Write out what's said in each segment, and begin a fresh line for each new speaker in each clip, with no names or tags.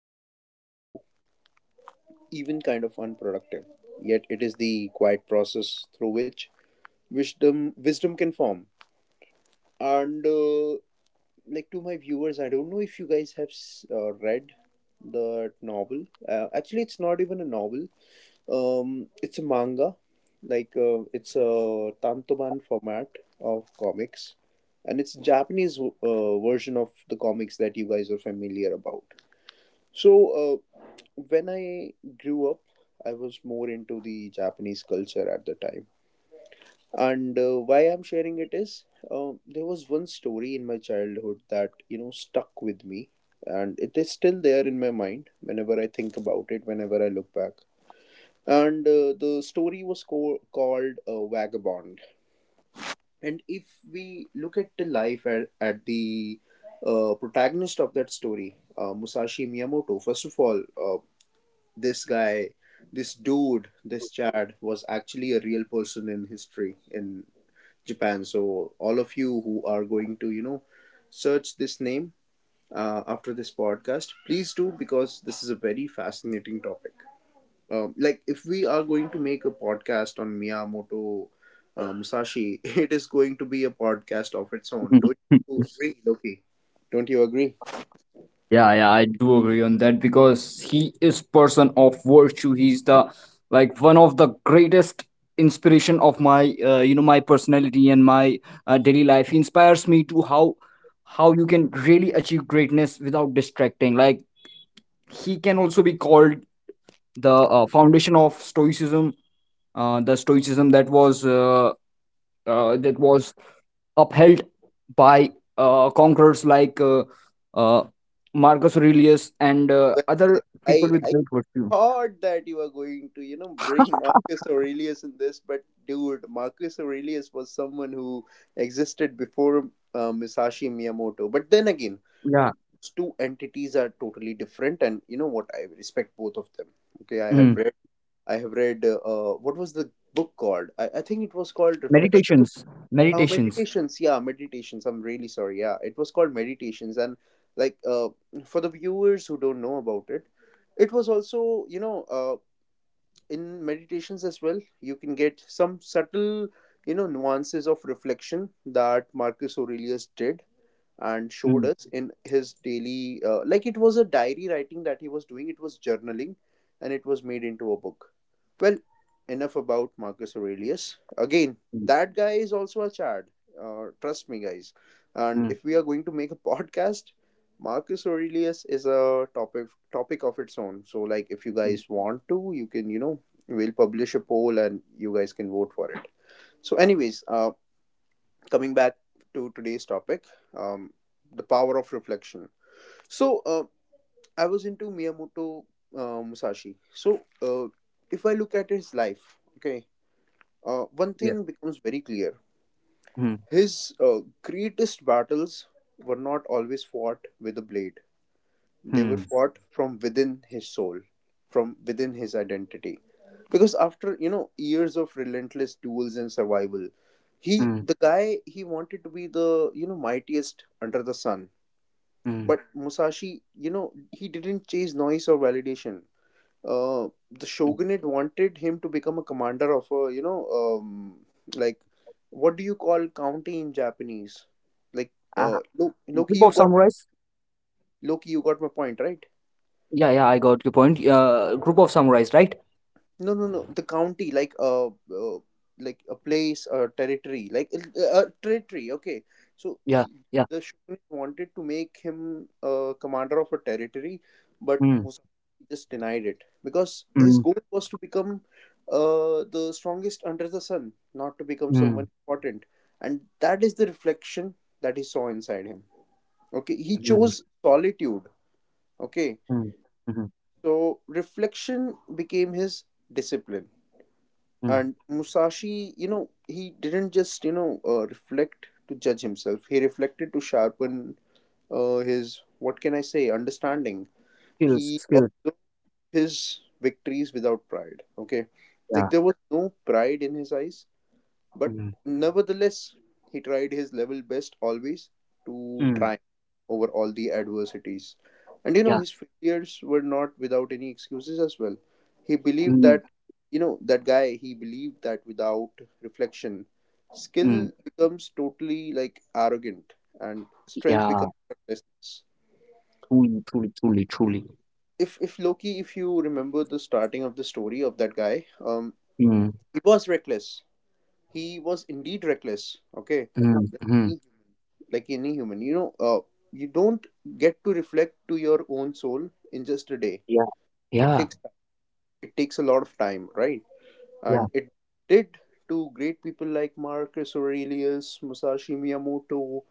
feels very slow, even kind of unproductive. Yet it is the quiet process through which wisdom can form and like, to my viewers, I don't know if you guys have read the novel, actually it's not even a novel, it's a manga, it's a tantoban format of comics, and it's Japanese version of the comics that you guys are familiar about. so uh, when I grew up, I was more into the Japanese culture at the time. And why I'm sharing it is, there was one story in my childhood that, you know, stuck with me, and it is still there in my mind whenever I think about it, whenever I look back. And the story was called Vagabond. And if we look at the life at the protagonist of that story, Musashi Miyamoto, first of all, this guy, this dude, this chad was actually a real person in history, in Japan. So all of you who are going to, you know, search this name after this podcast, please do, because this is a very fascinating topic. Like, if we are going to make a podcast on Miyamoto Musashi, it is going to be a podcast of its own.
Mhm.
Don't you agree, Loki? Don't you agree?
Yeah, yeah, I do agree on that because he is person of virtue. He's the like one of the greatest inspiration of my you know my personality and my daily life. He inspires me to how you can really achieve greatness without distracting. Like he can also be called the foundation of Stoicism. The Stoicism that was uh, that was upheld by conquerors like uh, Marcus Aurelius and
Well,
other people
I
with
I
great virtue.
thought that you were going to, you know, bring Marcus Aurelius in this, but dude, Marcus Aurelius was someone who existed before Musashi Miyamoto. But then again,
Yeah.
those two entities are totally different, and you know what? I respect both of them. Okay,
Mm.
I have read, what was the book called? I think it was called Reflections.
Meditations. Meditations.
Meditations, yeah, meditations. I'm really sorry. Yeah, it was called Meditations, and like uh, for the viewers who don't know about it, it was also, you know, in Meditations as well you can get some subtle, you know, nuances of reflection that Marcus Aurelius did and
Mm.
showed us in his daily, like, it was a diary writing that he was doing, it was journaling, and it was made into a book. Well, enough about Marcus Aurelius again.
Mm.
That guy is also a chad, trust me, guys. And
Mm.
if we are going to make a podcast, Marcus Aurelius is a topic of its own, so, like, if you
Mm.
guys want to, you can, you know, we'll publish a poll and you guys can vote for it. So, anyways, coming back to today's topic, um, the power of reflection. So I was into miyamoto Musashi, so, uh, if I look at his life, okay, one
Yeah.
thing becomes very clear.
Mm.
His greatest battles were not always fought with a blade. They were
Mm.
fought from within his soul, from within his identity. Because after, you know, years of relentless duels and survival, he,
Mm.
the guy, he wanted to be the, you know, mightiest under the sun.
Mm.
But Musashi, you know, he didn't chase noise or validation. The
Mm.
shogunate wanted him to become a commander of a, you know, like, what do you call county in Japanese? Like
Uh,
Loki,
Group
you
of
got my,
samurais.
Loki, you got my point, right?
Yeah, yeah, I got your point. Group of samurais, right?
No, no, no. The county, like, like a place, a territory, like a territory. Okay, so
Yeah,
he,
yeah.
the shogun wanted to make him a commander of a territory, but
Mm.
Musashi just denied it because his
Mm.
goal was to become the strongest under the sun, not to become someone
Mm.
important, and that is the reflection that he saw inside him. Okay, he
Mm.
chose solitude. Okay,
Mm. Mm.
so reflection became his discipline.
Mm.
And Musashi, you know, he didn't just, you know, reflect to judge himself. He reflected to sharpen his, what can I say, understanding.
Skills,
He
skills.
observed his victories without pride. Okay. Like,
Yeah.
there was no pride in his eyes. But
Mm.
nevertheless, he tried his level best always to
Mm.
try over all the adversities. And you know,
Yeah.
his failures were not without any excuses as well. He believed that,
Mm.
you know, that guy, he believed that without reflection, skill
Mm.
becomes totally like arrogant and strength becomes
Yeah.
recklessness.
Truly, truly, truly, truly.
If Loki, if you remember the starting of the story of that guy,
Mm,
he was reckless. He was indeed reckless. Okay,
mm,
he,
mhm.
like any human, you know, you don't get to reflect to your own soul in just a day.
Yeah,
it
yeah,
takes it takes a lot of time, right? And
yeah.
it did, to great people like Marcus Aurelius, Musashi Miyamoto,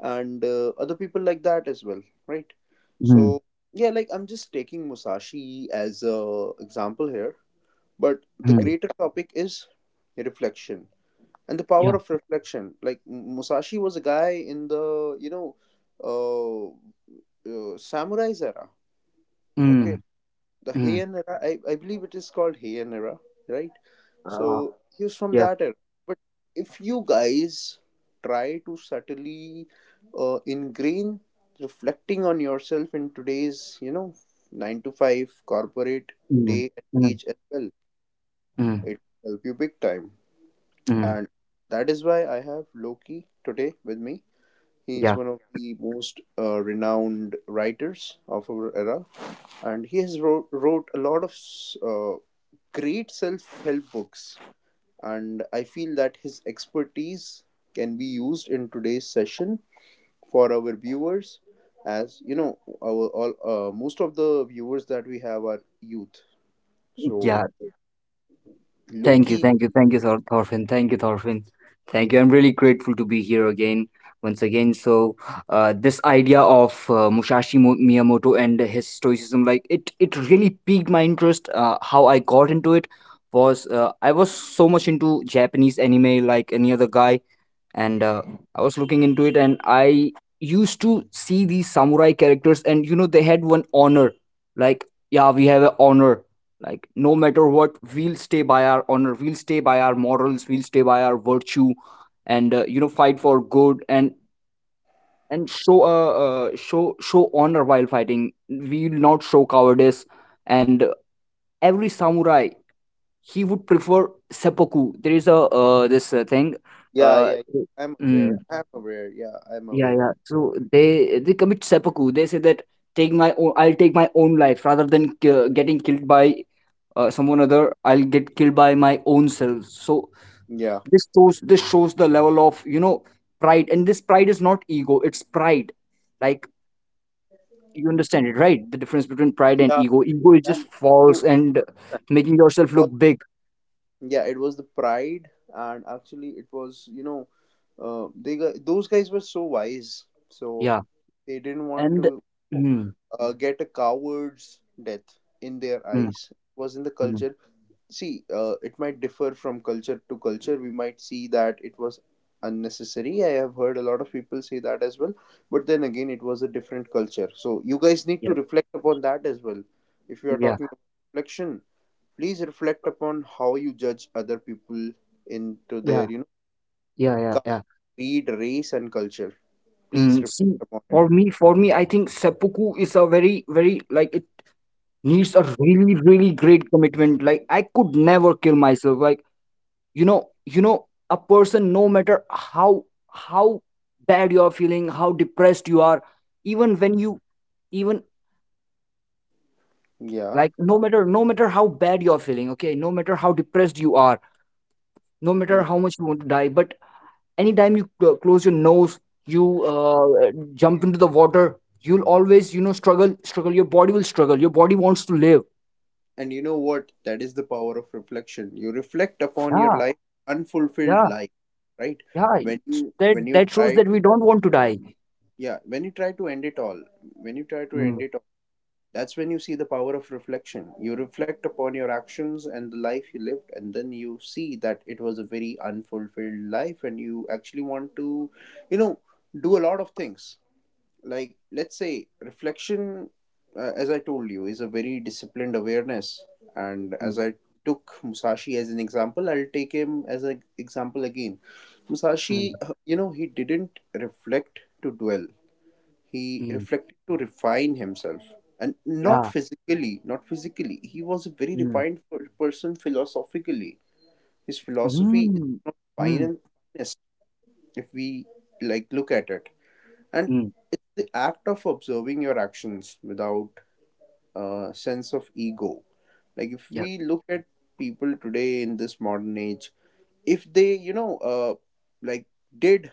and other people like that as well, right?
Mm,
So, yeah, like, I'm just taking Musashi as a example here, but the
mm,
greater topic is reflection and the
yeah.
power of reflection. Like, Musashi was a guy in the, you know, uh, samurais era.
Mm,
Okay, the
mm.
Heian era. I believe it is called Heian era, right?
Uh,
So he was from
yeah.
that era. But if you guys try to subtly ingrain reflecting on yourself in today's, you know, 9 to 5 corporate
Mm,
day and
mm,
age as well,
mm,
it will help you big time.
mm.
And that is why I have Loki today with me. He is
Yeah,
one of the most renowned writers of our era, and he has wrote a lot of great self-help books, and I feel that his expertise can be used in today's session for our viewers, as, you know, our all most of the viewers that we have are youth, so
yeah. Thank you,
Loki,
thank you, thank you, Thorfinn. Thank you, Thorfinn. Thank you. I'm really grateful to be here again, once again. So, this idea of Musashi Miyamoto and his stoicism, like it really piqued my interest. How I got into it was I was so much into Japanese anime, like any other guy and I was looking into it, and I used to see these samurai characters, and they had one honor, like yeah, we have an honor, like no matter what, we'll stay by our honor, we'll stay by our morals, we'll stay by our virtue, and fight for good and show honor while fighting. We'll not show cowardice, and every samurai he would prefer seppuku. There is a this thing.
yeah,
Uh,
yeah, I'm
hmm.
aware, I'm aware, yeah, I'm
Yeah,
aware,
yeah. So they commit seppuku. They say that I'll take my own life rather than getting killed by someone other. I'll get killed by my own self. So
yeah,
this shows the level of pride, and this pride is not ego. It's pride. Like you understand it, right? The difference between pride and
yeah,
ego. Ego is
yeah.
just
So,
false
it
and making yourself look
was-
big.
yeah, it was the pride. And actually it was, you know, those guys were so wise, so
Yeah,
they didn't want
and
to
mm,
get a coward's death in their
mm,
eyes. It was in the
mm,
culture. See, it might differ from culture to culture. We might see that it was unnecessary. I have heard a lot of people say that as well. But then again, it was a different culture. So you guys need
yeah,
to reflect upon that as well. If you are
yeah,
talking about reflection, please reflect upon how you judge other people into
yeah,
their, you know,
yeah, yeah,
ca-
yeah.
creed, race, and culture. Please
Mm, see,
reflect upon it.
for me, I think seppuku is a very, very like it needs a really, really great commitment. Like I could never kill myself. Like a person, no matter how bad you are feeling, how depressed you are, even when you, even
Yeah.
like no matter how bad you are feeling, okay, no matter how depressed you are, no matter
Mm.
how much you want to die, but anytime you close your nose you jump into the water. You'll always struggle, your body will struggle, your body wants to live.
And you know what? That is the power of reflection. You reflect upon your
Yeah,
life, unfulfilled
yeah,
life, right?
yeah.
When you
That shows
try
that we don't want to die.
Yeah, when you try to end it all, when you try to
Mm,
end it all, that's when you see the power of reflection. You reflect upon your actions and the life you lived, and then you see that it was a very unfulfilled life, and you actually want to, you know, do a lot of things. Like, let's say reflection as I told you is a very disciplined awareness, and
mm,
as I took Musashi as an example, I'll take him as an example again.
mm,
Musashi, he didn't reflect to dwell, he
mm,
reflected to refine himself. And not
yeah.
physically not physically he was a very
Mm,
refined person philosophically. His philosophy is
mm,
one of the
mm,
finest, if we like look at it. And
mm,
it's the act of observing your actions without a sense of ego. Like, if
yeah.
we look at people today in this modern age, if they, like, did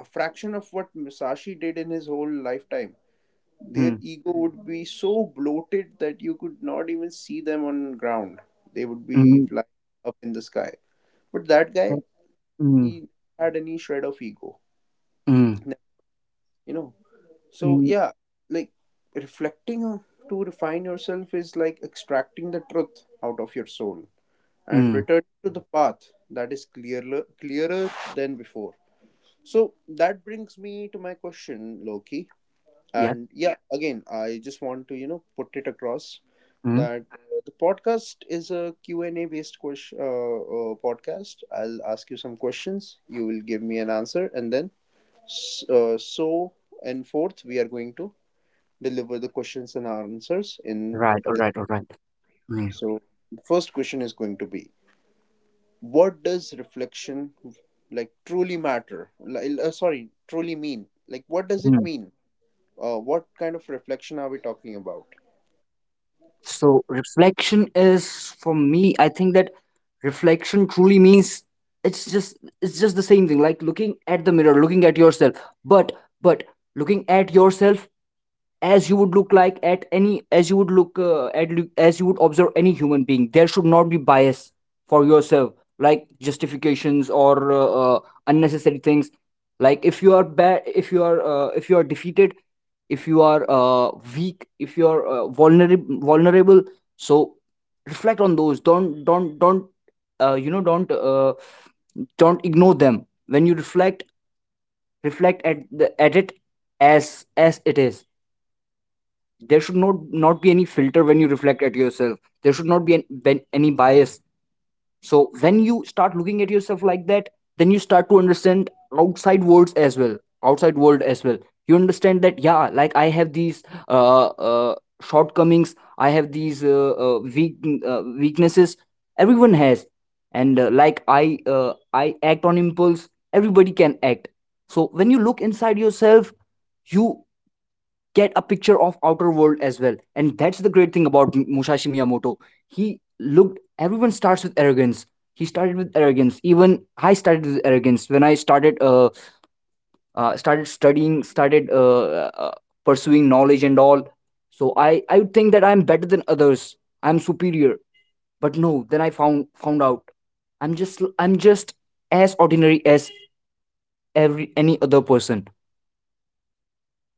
a fraction of what Musashi did in his whole lifetime, their
Mm,
ego would be so bloated that you could not even see them on ground. They would be
mm,
flying up in the sky. But that
yeah,
guy,
mm,
he had any shred of ego
mm,
you know so
mm,
yeah, like, reflecting on- to refine yourself is like extracting the truth out of your soul and
mm,
return to the path that is clearer than before. So that brings me to my question, Loki.
yes.
And yeah, again, I just want to put it across
Mm,
that the podcast is a Q&A based question, podcast. I'll ask you some questions, you will give me an answer, and then so and forth, we are going to deliver the questions and answers in
right. All
this.
right, all right. Mm,
So the first question is going to be, what does reflection, like, truly matter? Sorry, truly mean? Like, what does it
mm.
mean? What kind of reflection are we talking about?
So reflection is, for me, I think that reflection truly means it's just the same thing, like looking at the mirror, looking at yourself. But but looking at yourself as you would observe any human being, there should not be bias for yourself, like justifications or uh, unnecessary things. Like if you are bad, if you are defeated, if you are weak, if you are vulnerable, so reflect on those. Don't you know don't ignore them when you reflect. Reflect at it as it is. There should not be any filter when you reflect at yourself. There should not be any bias. So when you start looking at yourself like that, then you start to understand outside worlds as well outside world as well. You understand that, yeah, like I have these shortcomings, I have these weaknesses, everyone has. And like I act on impulse, everybody can act. So when you look inside yourself, you get a picture of outer world as well. And that's the great thing about Musashi Miyamoto. He looked, everyone starts with arrogance, he started with arrogance. Even I started with arrogance when I started started studying, started pursuing knowledge and all. So I would think that I'm better than others, I'm superior. But no, then I found out I'm just as ordinary as every any other person.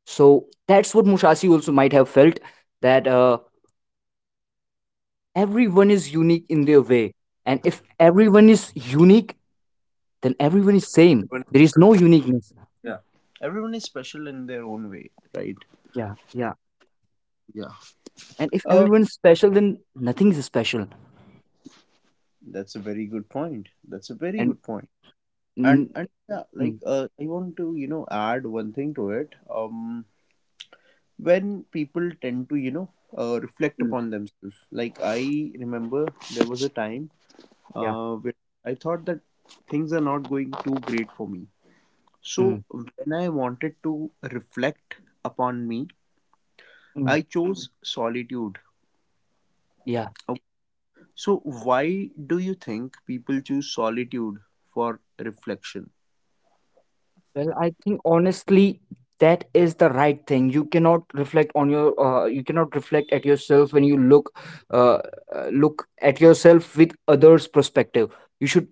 So that's what Musashi also might have felt, that everyone is unique in their way. And if everyone is unique, then everyone is same.
Everyone-
There is no uniqueness.
yeah, everyone is special in their own way, right?
Yeah, yeah.
Yeah.
And if
uh,
everyone is special, then nothing is special.
that's a very good point. That's a very
And
good point. and
mm,
and yeah, like,
mm,
I want to, add one thing to it. When people tend to, reflect
mm,
upon themselves, like, I remember there was a time
yeah,
where I thought that things are not going too great for me. So
mm,
when I wanted to reflect upon me,
mm,
I chose solitude.
yeah.
Okay. So why do you think people choose solitude for reflection?
Well, I think honestly, that is the right thing. You cannot reflect on you cannot reflect at yourself when you uh, look at yourself with others' perspective. You should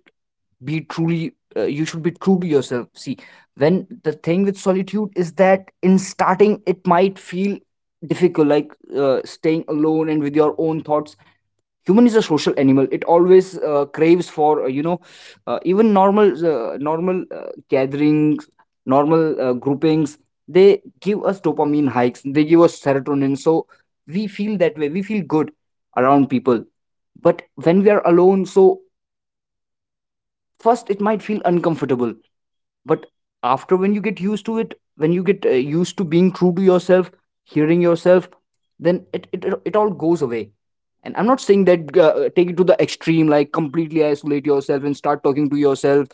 be truly you should be true to yourself. See, when the thing with solitude is that in starting, it might feel difficult, like staying alone and with your own thoughts. Human is a social animal, it always craves for even normal normal gatherings, normal groupings. They give us dopamine hikes, they give us serotonin, so we feel that way, we feel good around people. But when we are alone, so first it might feel uncomfortable. But after, when you get used to it, when you get used to being true to yourself, hearing yourself, then it all goes away. And I'm not saying that take it to the extreme, like completely isolate yourself and start talking to yourself.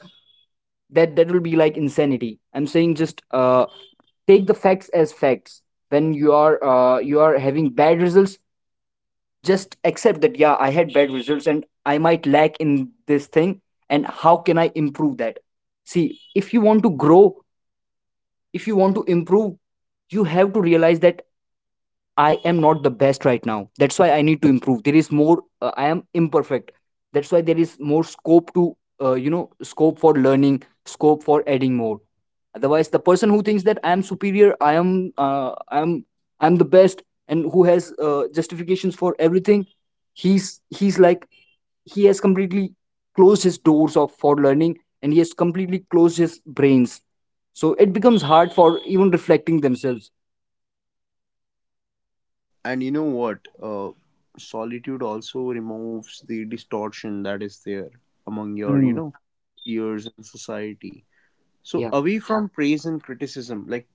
That will be like insanity. I'm saying just take the facts as facts. When you are having bad results, just accept that, yeah, I had bad results and I might lack in this thing. And how can I improve that? See, if you want to grow, if you want to improve, you have to realize that I am not the best right now, that's why I need to improve. There is more, I am imperfect, that's why there is more scope to you know scope for learning, scope for adding more. Otherwise the person who thinks that uh, i am I'm the best, and who has justifications for everything, he's he's like he has completely closed his doors of for learning, and he has completely closed his brains. So it becomes hard for even reflecting themselves.
And you know what, solitude also removes the distortion that is there among your,
Mm,
peers in society. So
yeah.
away from praise and criticism, like,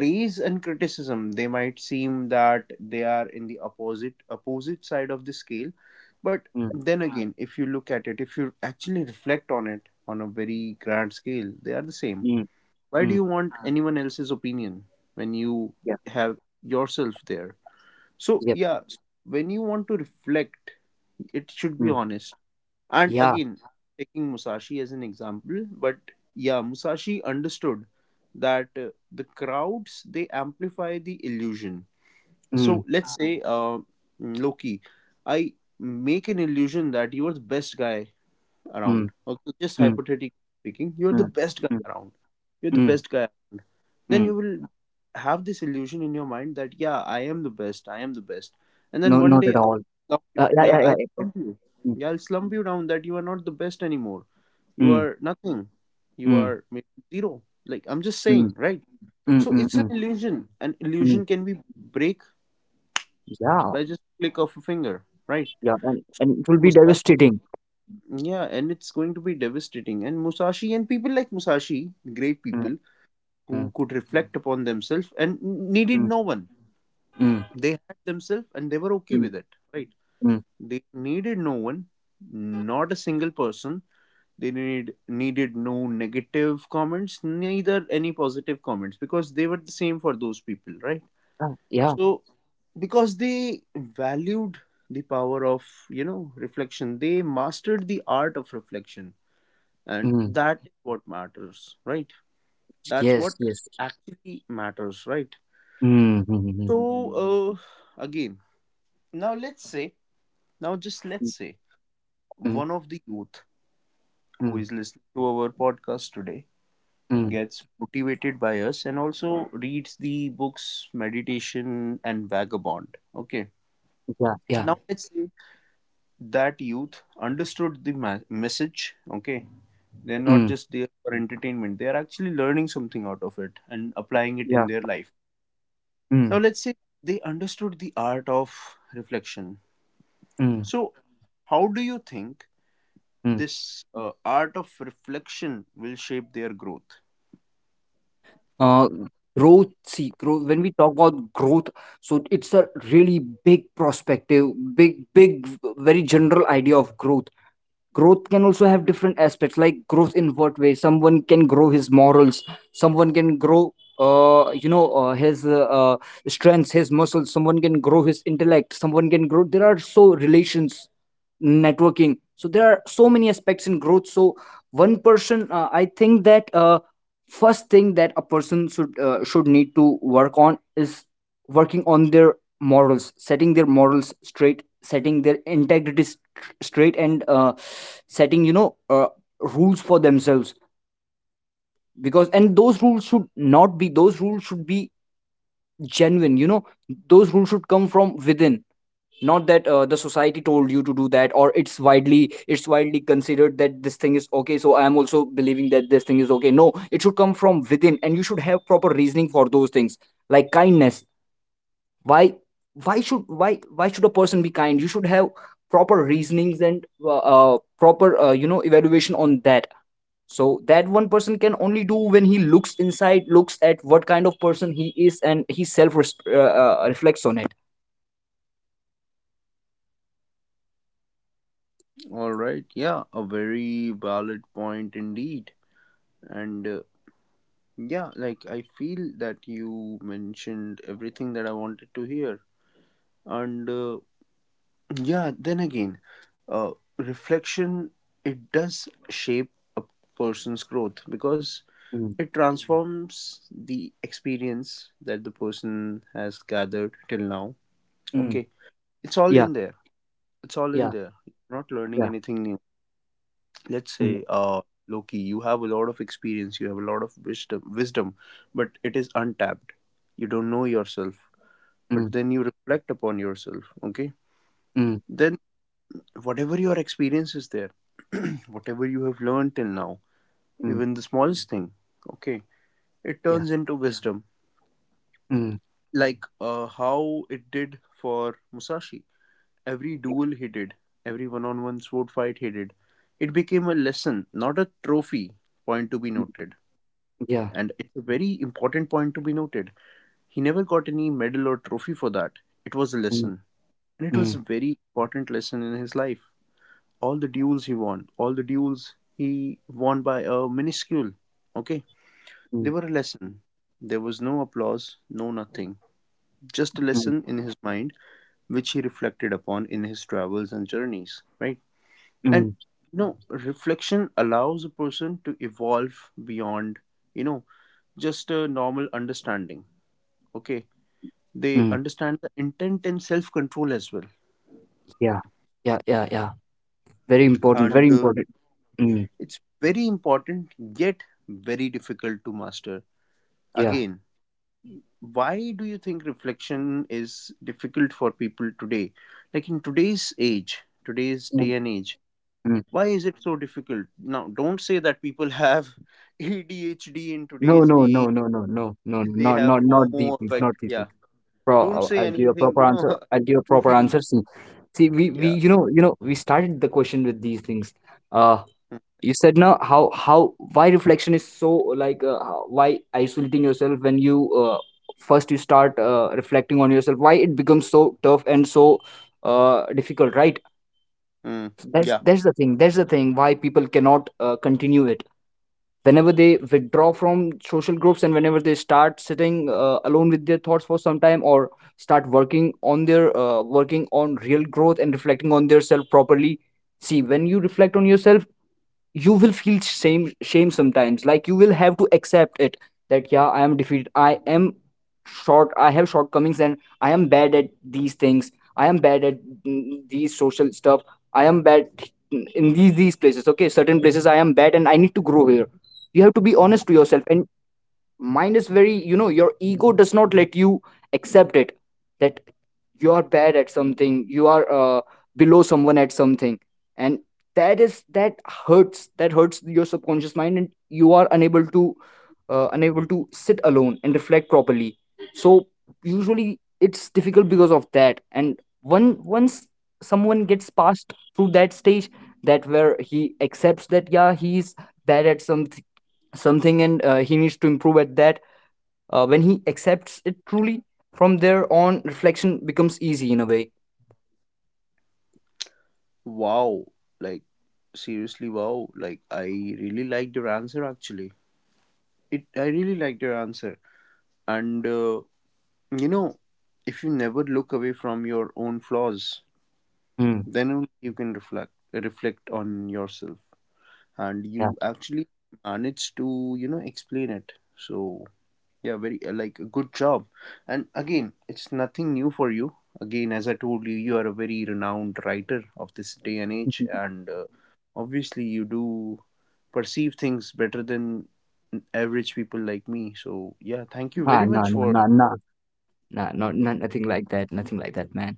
praise and criticism, they might seem that they are in the opposite side of the scale, but
Mm,
then again, if you look at it, if you actually reflect on it on a very grand scale, they are the same.
mm,
Why do
mm,
you want anyone else's opinion when you
yeah,
have yourself there? So
yeah.
yeah, when you want to reflect, it should be
Mm,
honest. And
yeah.
again, taking Musashi as an example, but yeah, Musashi understood that the crowds, they amplify the illusion.
Mm,
So let's say, Loki, I make an illusion that you are the best guy
mm,
around. Okay, just
mm,
hypothetically speaking, you're the
mm,
best guy
mm,
around. You're the
mm,
best guy, then
mm.
you will have this illusion in your mind that, yeah, I am the best, I am the best. And then
No,
one
not at
day
all.
I'll slump you.
Yeah,
Yeah,
yeah, yeah,
I'll
yeah. Yeah.
slump you.
Mm,
Yeah, I'll slump you down, that you are not the best anymore, you
mm,
are nothing, you
mm,
are maybe zero, like, I'm just
mm,
saying, right?
mm,
So
mm,
it's an
mm,
illusion. An
mm.
illusion can be break
Yeah,
by just click of a finger, right?
yeah, and,
so
and it will be
musashi
devastating.
Yeah, and it's going to be devastating. And Musashi, and people like Musashi, great
Mm,
people, who
mm,
could reflect upon themselves and needed
mm,
no one,
mm,
they had themselves and they were okay
mm,
with it, right?
mm.
They needed no one, not a single person. They needed no negative comments, neither any positive comments, because they were the same for those people, right?
Ah, yeah.
So because they valued the power of, you know, reflection, they mastered the art of reflection, and
Mm.
that is what matters, right? That's what
Yes, yes.
actually matters, right?
Mm, mhm, mhm.
So, uh, again, now let's say, now just let's say,
Mm,
one of the youth who
mm,
is listening to our podcast today
mm.
gets motivated by us and also reads the books Meditation and Vagabond, okay?
Yeah, yeah.
Now let's say that youth understood the message, okay? They're
Mm,
not just there for entertainment, they are actually learning something out of it and applying
yeah.
it in their life.
Mm,
Now let's say they understood the art of reflection.
mm,
So how do you think
mm.
this art of reflection will shape their growth?
Uh, Growth, see, growth, when we talk about growth, so it's a really big perspective, big, big, very general idea of growth. Growth can also have different aspects, like growth in what way someone can grow his morals, someone can grow his strengths, his muscles, someone can grow his intellect, someone can grow, there are so relations, networking. So there are so many aspects in growth. So one person I think that first thing that a person should, need to work on, is working on their morals, setting their morals straight, setting their integrity straight, and setting rules for themselves. Because, and those rules should not be, those rules should be genuine, those rules should come from within. Not that the society told you to do that, or it's widely considered that this thing is okay, so I am also believing that this thing is okay. No, it should come from within, and you should have proper reasoning for those things. Like kindness. why why should a person be kind? You should have proper reasonings and proper evaluation on that. So that one person can only do when he looks inside, looks at what kind of person he is, and he self reflects on it.
All right. Yeah, a very valid point indeed. And yeah, like, I feel that you mentioned everything that I wanted to hear. And yeah, then again, uh, reflection, it does shape a person's growth, because
Mm,
it transforms the experience that the person has gathered till now.
mm,
Okay. It's all
yeah,
in there. It's all in
yeah,
there. You're not learning
yeah.
anything new. Let's
Mm,
say Loki, you have a lot of experience, you have a lot of wisdom, but it is untapped. You don't know yourself. But
mm,
then you reflect upon yourself, okay?
mm,
Then whatever your experience is there, whatever you have learned till now,
mm,
even the smallest thing, okay, it
yeah.
turns into wisdom.
Mm,
Like, how it did for Musashi. Every
yeah.
duel he did, every one on one sword fight he did, it became a lesson, not a trophy, point to be
Mm,
noted,
yeah,
and it's a very important point to be noted. He never got any medal or trophy for that. It was a
mm,
lesson, and it was
mm,
a very important lesson in his life. All the duels he won, all the duels he won by a minuscule, okay,
mm,
they were a lesson. There was no applause, no nothing. Just a
mm,
lesson in his mind, which he reflected upon in his travels and journeys, right? And,
mm,
you know, reflection allows a person to evolve beyond, you know, just a normal understanding, okay? They
mm,
understand the intent and self control as well.
yeah. Yeah, yeah, yeah, very important, very
And
important. Mm,
it's very important, yet very difficult to master.
yeah.
Again, why do you think reflection is difficult for people today, like in today's age, today's
Mm,
day and age?
mm.
Why is it so difficult? Now don't say that people have ADHD in
No,
today's
no, no,
age,
no, no, no, no,
they
not
have
not not
fomo
VPs,
effect,
not VPs.
yeah,
Pro,
don't say
I'll give you a
anything,
proper
you know.
answer. I'll give you a proper
Goofy.
answer. See, see, we
Yeah.
we started the question with these things. Uh,
Mm.
you said now how why reflection is so like why isolating yourself when you uh, first you start reflecting on yourself, why it becomes so tough and so difficult, right?
Mm.
So that's
Yeah.
that's the thing. That's the thing why people cannot continue it whenever they withdraw from social groups, and whenever they start sitting alone with their thoughts for some time, or start working on their working on real growth and reflecting on their self properly. See, when you reflect on yourself, you will feel shame sometimes. Like, you will have to accept it that yeah, I am defeated, I am short, I have shortcomings, and I am bad at these things. I am bad at these social stuff. I am bad in these places. Okay, certain places I am bad and I need to grow here. You have to be honest to yourself. And mind is very, you know, your ego does not let you accept it, that you are bad at something, you are below someone at something, and that is that hurts. That hurts your subconscious mind, and you are unable to unable to sit alone and reflect properly. So usually it's difficult because of that. And one once someone gets past through that stage, that where he accepts that yeah, he's bad at something, and he needs to improve at that. When he accepts it truly, from there on reflection becomes easy in a way.
Wow, like, seriously, wow. Like, I really liked your answer, actually. It, I really liked your answer. And you know, if you never look away from your own flaws,
Mm,
then only you can reflect on yourself, and
yeah.
you actually manage to, you know, explain it. So yeah, very like, a good job. And again, it's nothing new for you. Again, as I told you, you are a very renowned writer of this day and age, and obviously you do perceive things better than average people like me, so yeah, thank you
Ah,
very
no,
much
no,
for—
no, no. Nah, not nothing like that, nothing like that, man.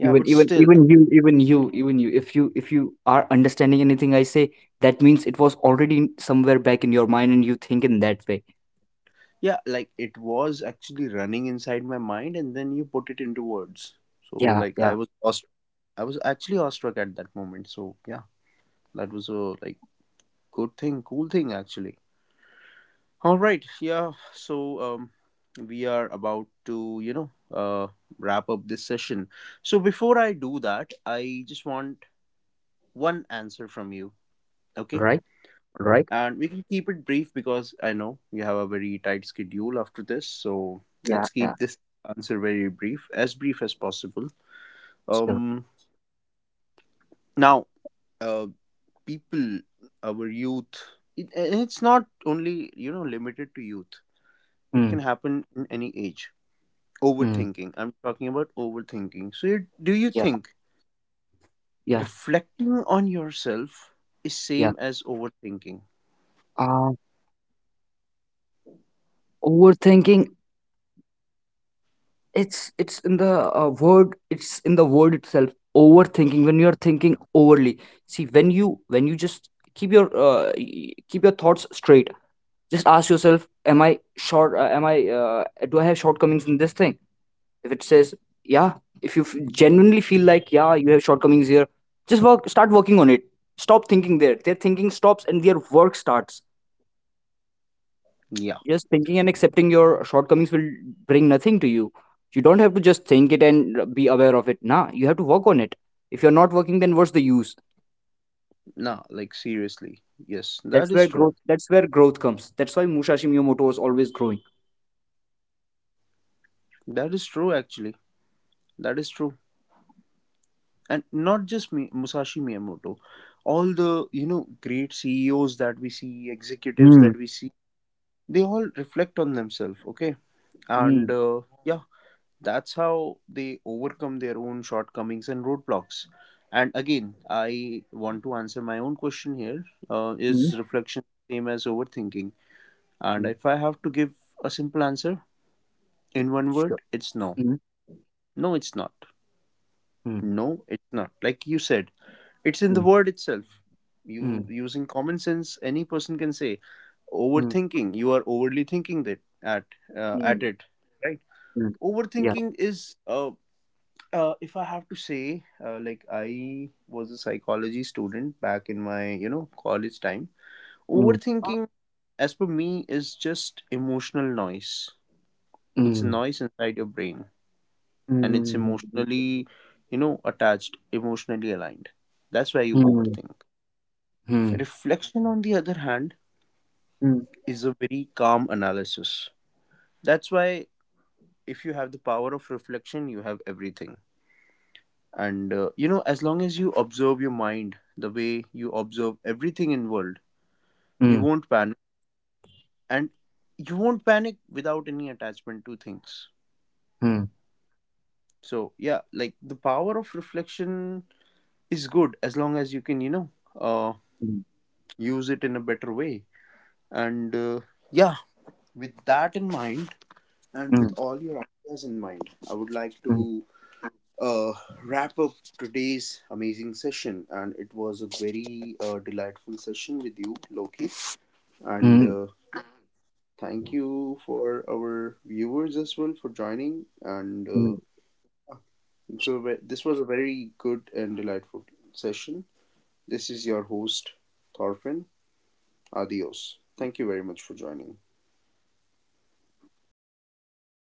yeah,
even
but
even
still.
even you even you even you if you are understanding anything I say, that means it was already somewhere back in your mind and you think in that way.
Yeah, like, it was actually running inside my mind and then you put it into words, so,
Yeah,
like, I
yeah.
was awestruck. I was actually awestruck at that moment, so yeah, that was a, like, good thing, cool thing actually. All right, yeah. So we are about to, you know, wrap up this session. So before I do that, I just want one answer from you, okay?
Right. Right.
And we can keep it brief because I know you have a very tight schedule after this. So
Yeah,
let's
yeah.
keep this answer very brief as possible.
Sure.
Um, now, uh, people, our youth, it, and it's not only, you know, limited to youth. It can
Mm,
happen in any age.
mm,
Overthinking. I'm talking about overthinking. So, you, do you
yeah,
think
yeah,
reflecting on yourself is
yeah.
same as overthinking?
uh Overthinking, it's in the word, it's in the word itself. Overthinking, when you're thinking overly. See, when you just keep your keep your thoughts straight, just ask yourself, am I short am I do I have shortcomings in this thing? If it says yeah, if genuinely feel like yeah, you have shortcomings here, just work start working on it. Stop thinking. There, their thinking stops and their work starts.
Yeah.
Just thinking and accepting your shortcomings will bring nothing to you. You don't have to just think it and be aware of it. Nah, you have to work on it. If you're not working, then what's the use?
Nah, like, seriously. Yes,
That's
that is
where
true.
growth. That's where growth comes. That's why Musashi Miyamoto was always growing.
That is true, actually. That is true. And not just me, Musashi Miyamoto. All the, you know, great CEOs that we see, executives
Mm.
that we see, they all reflect on themselves, okay? And
Mm.
yeah, that's how they overcome their own shortcomings and roadblocks. And again, I want to answer my own question here.
Mm.
Is reflection the same as overthinking? And
Mm.
if I have to give a simple answer in one
Sure.
word, it's no.
Mm.
No, it's not.
Mm.
No, it's not. Like you said, it's in the
Mm.
word itself. You
Mm.
using common sense, any person can say
Mm.
overthinking, you are overly thinking that at, at
Mm.
it, right?
Mm. Yeah.
Overthinking is if I have to say, like, I was a psychology student back in my, you know, college time.
Mm.
Overthinking, as per me, is just emotional noise. It's a
Mm.
noise inside your brain, and it's
Mm.
emotionally, you know, attached, emotionally aligned. That's why you
Mm.
overthink.
Mm.
Reflection, on the other hand,
Mm.
is a very calm analysis. That's why, if you have the power of reflection, you have everything. And you know, as long as you observe your mind the way you observe everything in world, you
Mm.
won't panic, and you won't panic without any attachment to things.
Mm.
So yeah, like, the power of reflection is good as long as you can, you know, uh,
Mm.
use it in a better way. And yeah, with that in mind, and with all your ideas in mind, I would like
Mm.
to uh, wrap up today's amazing session. And it was a very delightful session with you, Loki. And
Mm.
thank you for our viewers as well for joining. And
Mm.
so, this was a very good and delightful session. This is your host, Thorfinn. Adios. Thank you very much for joining.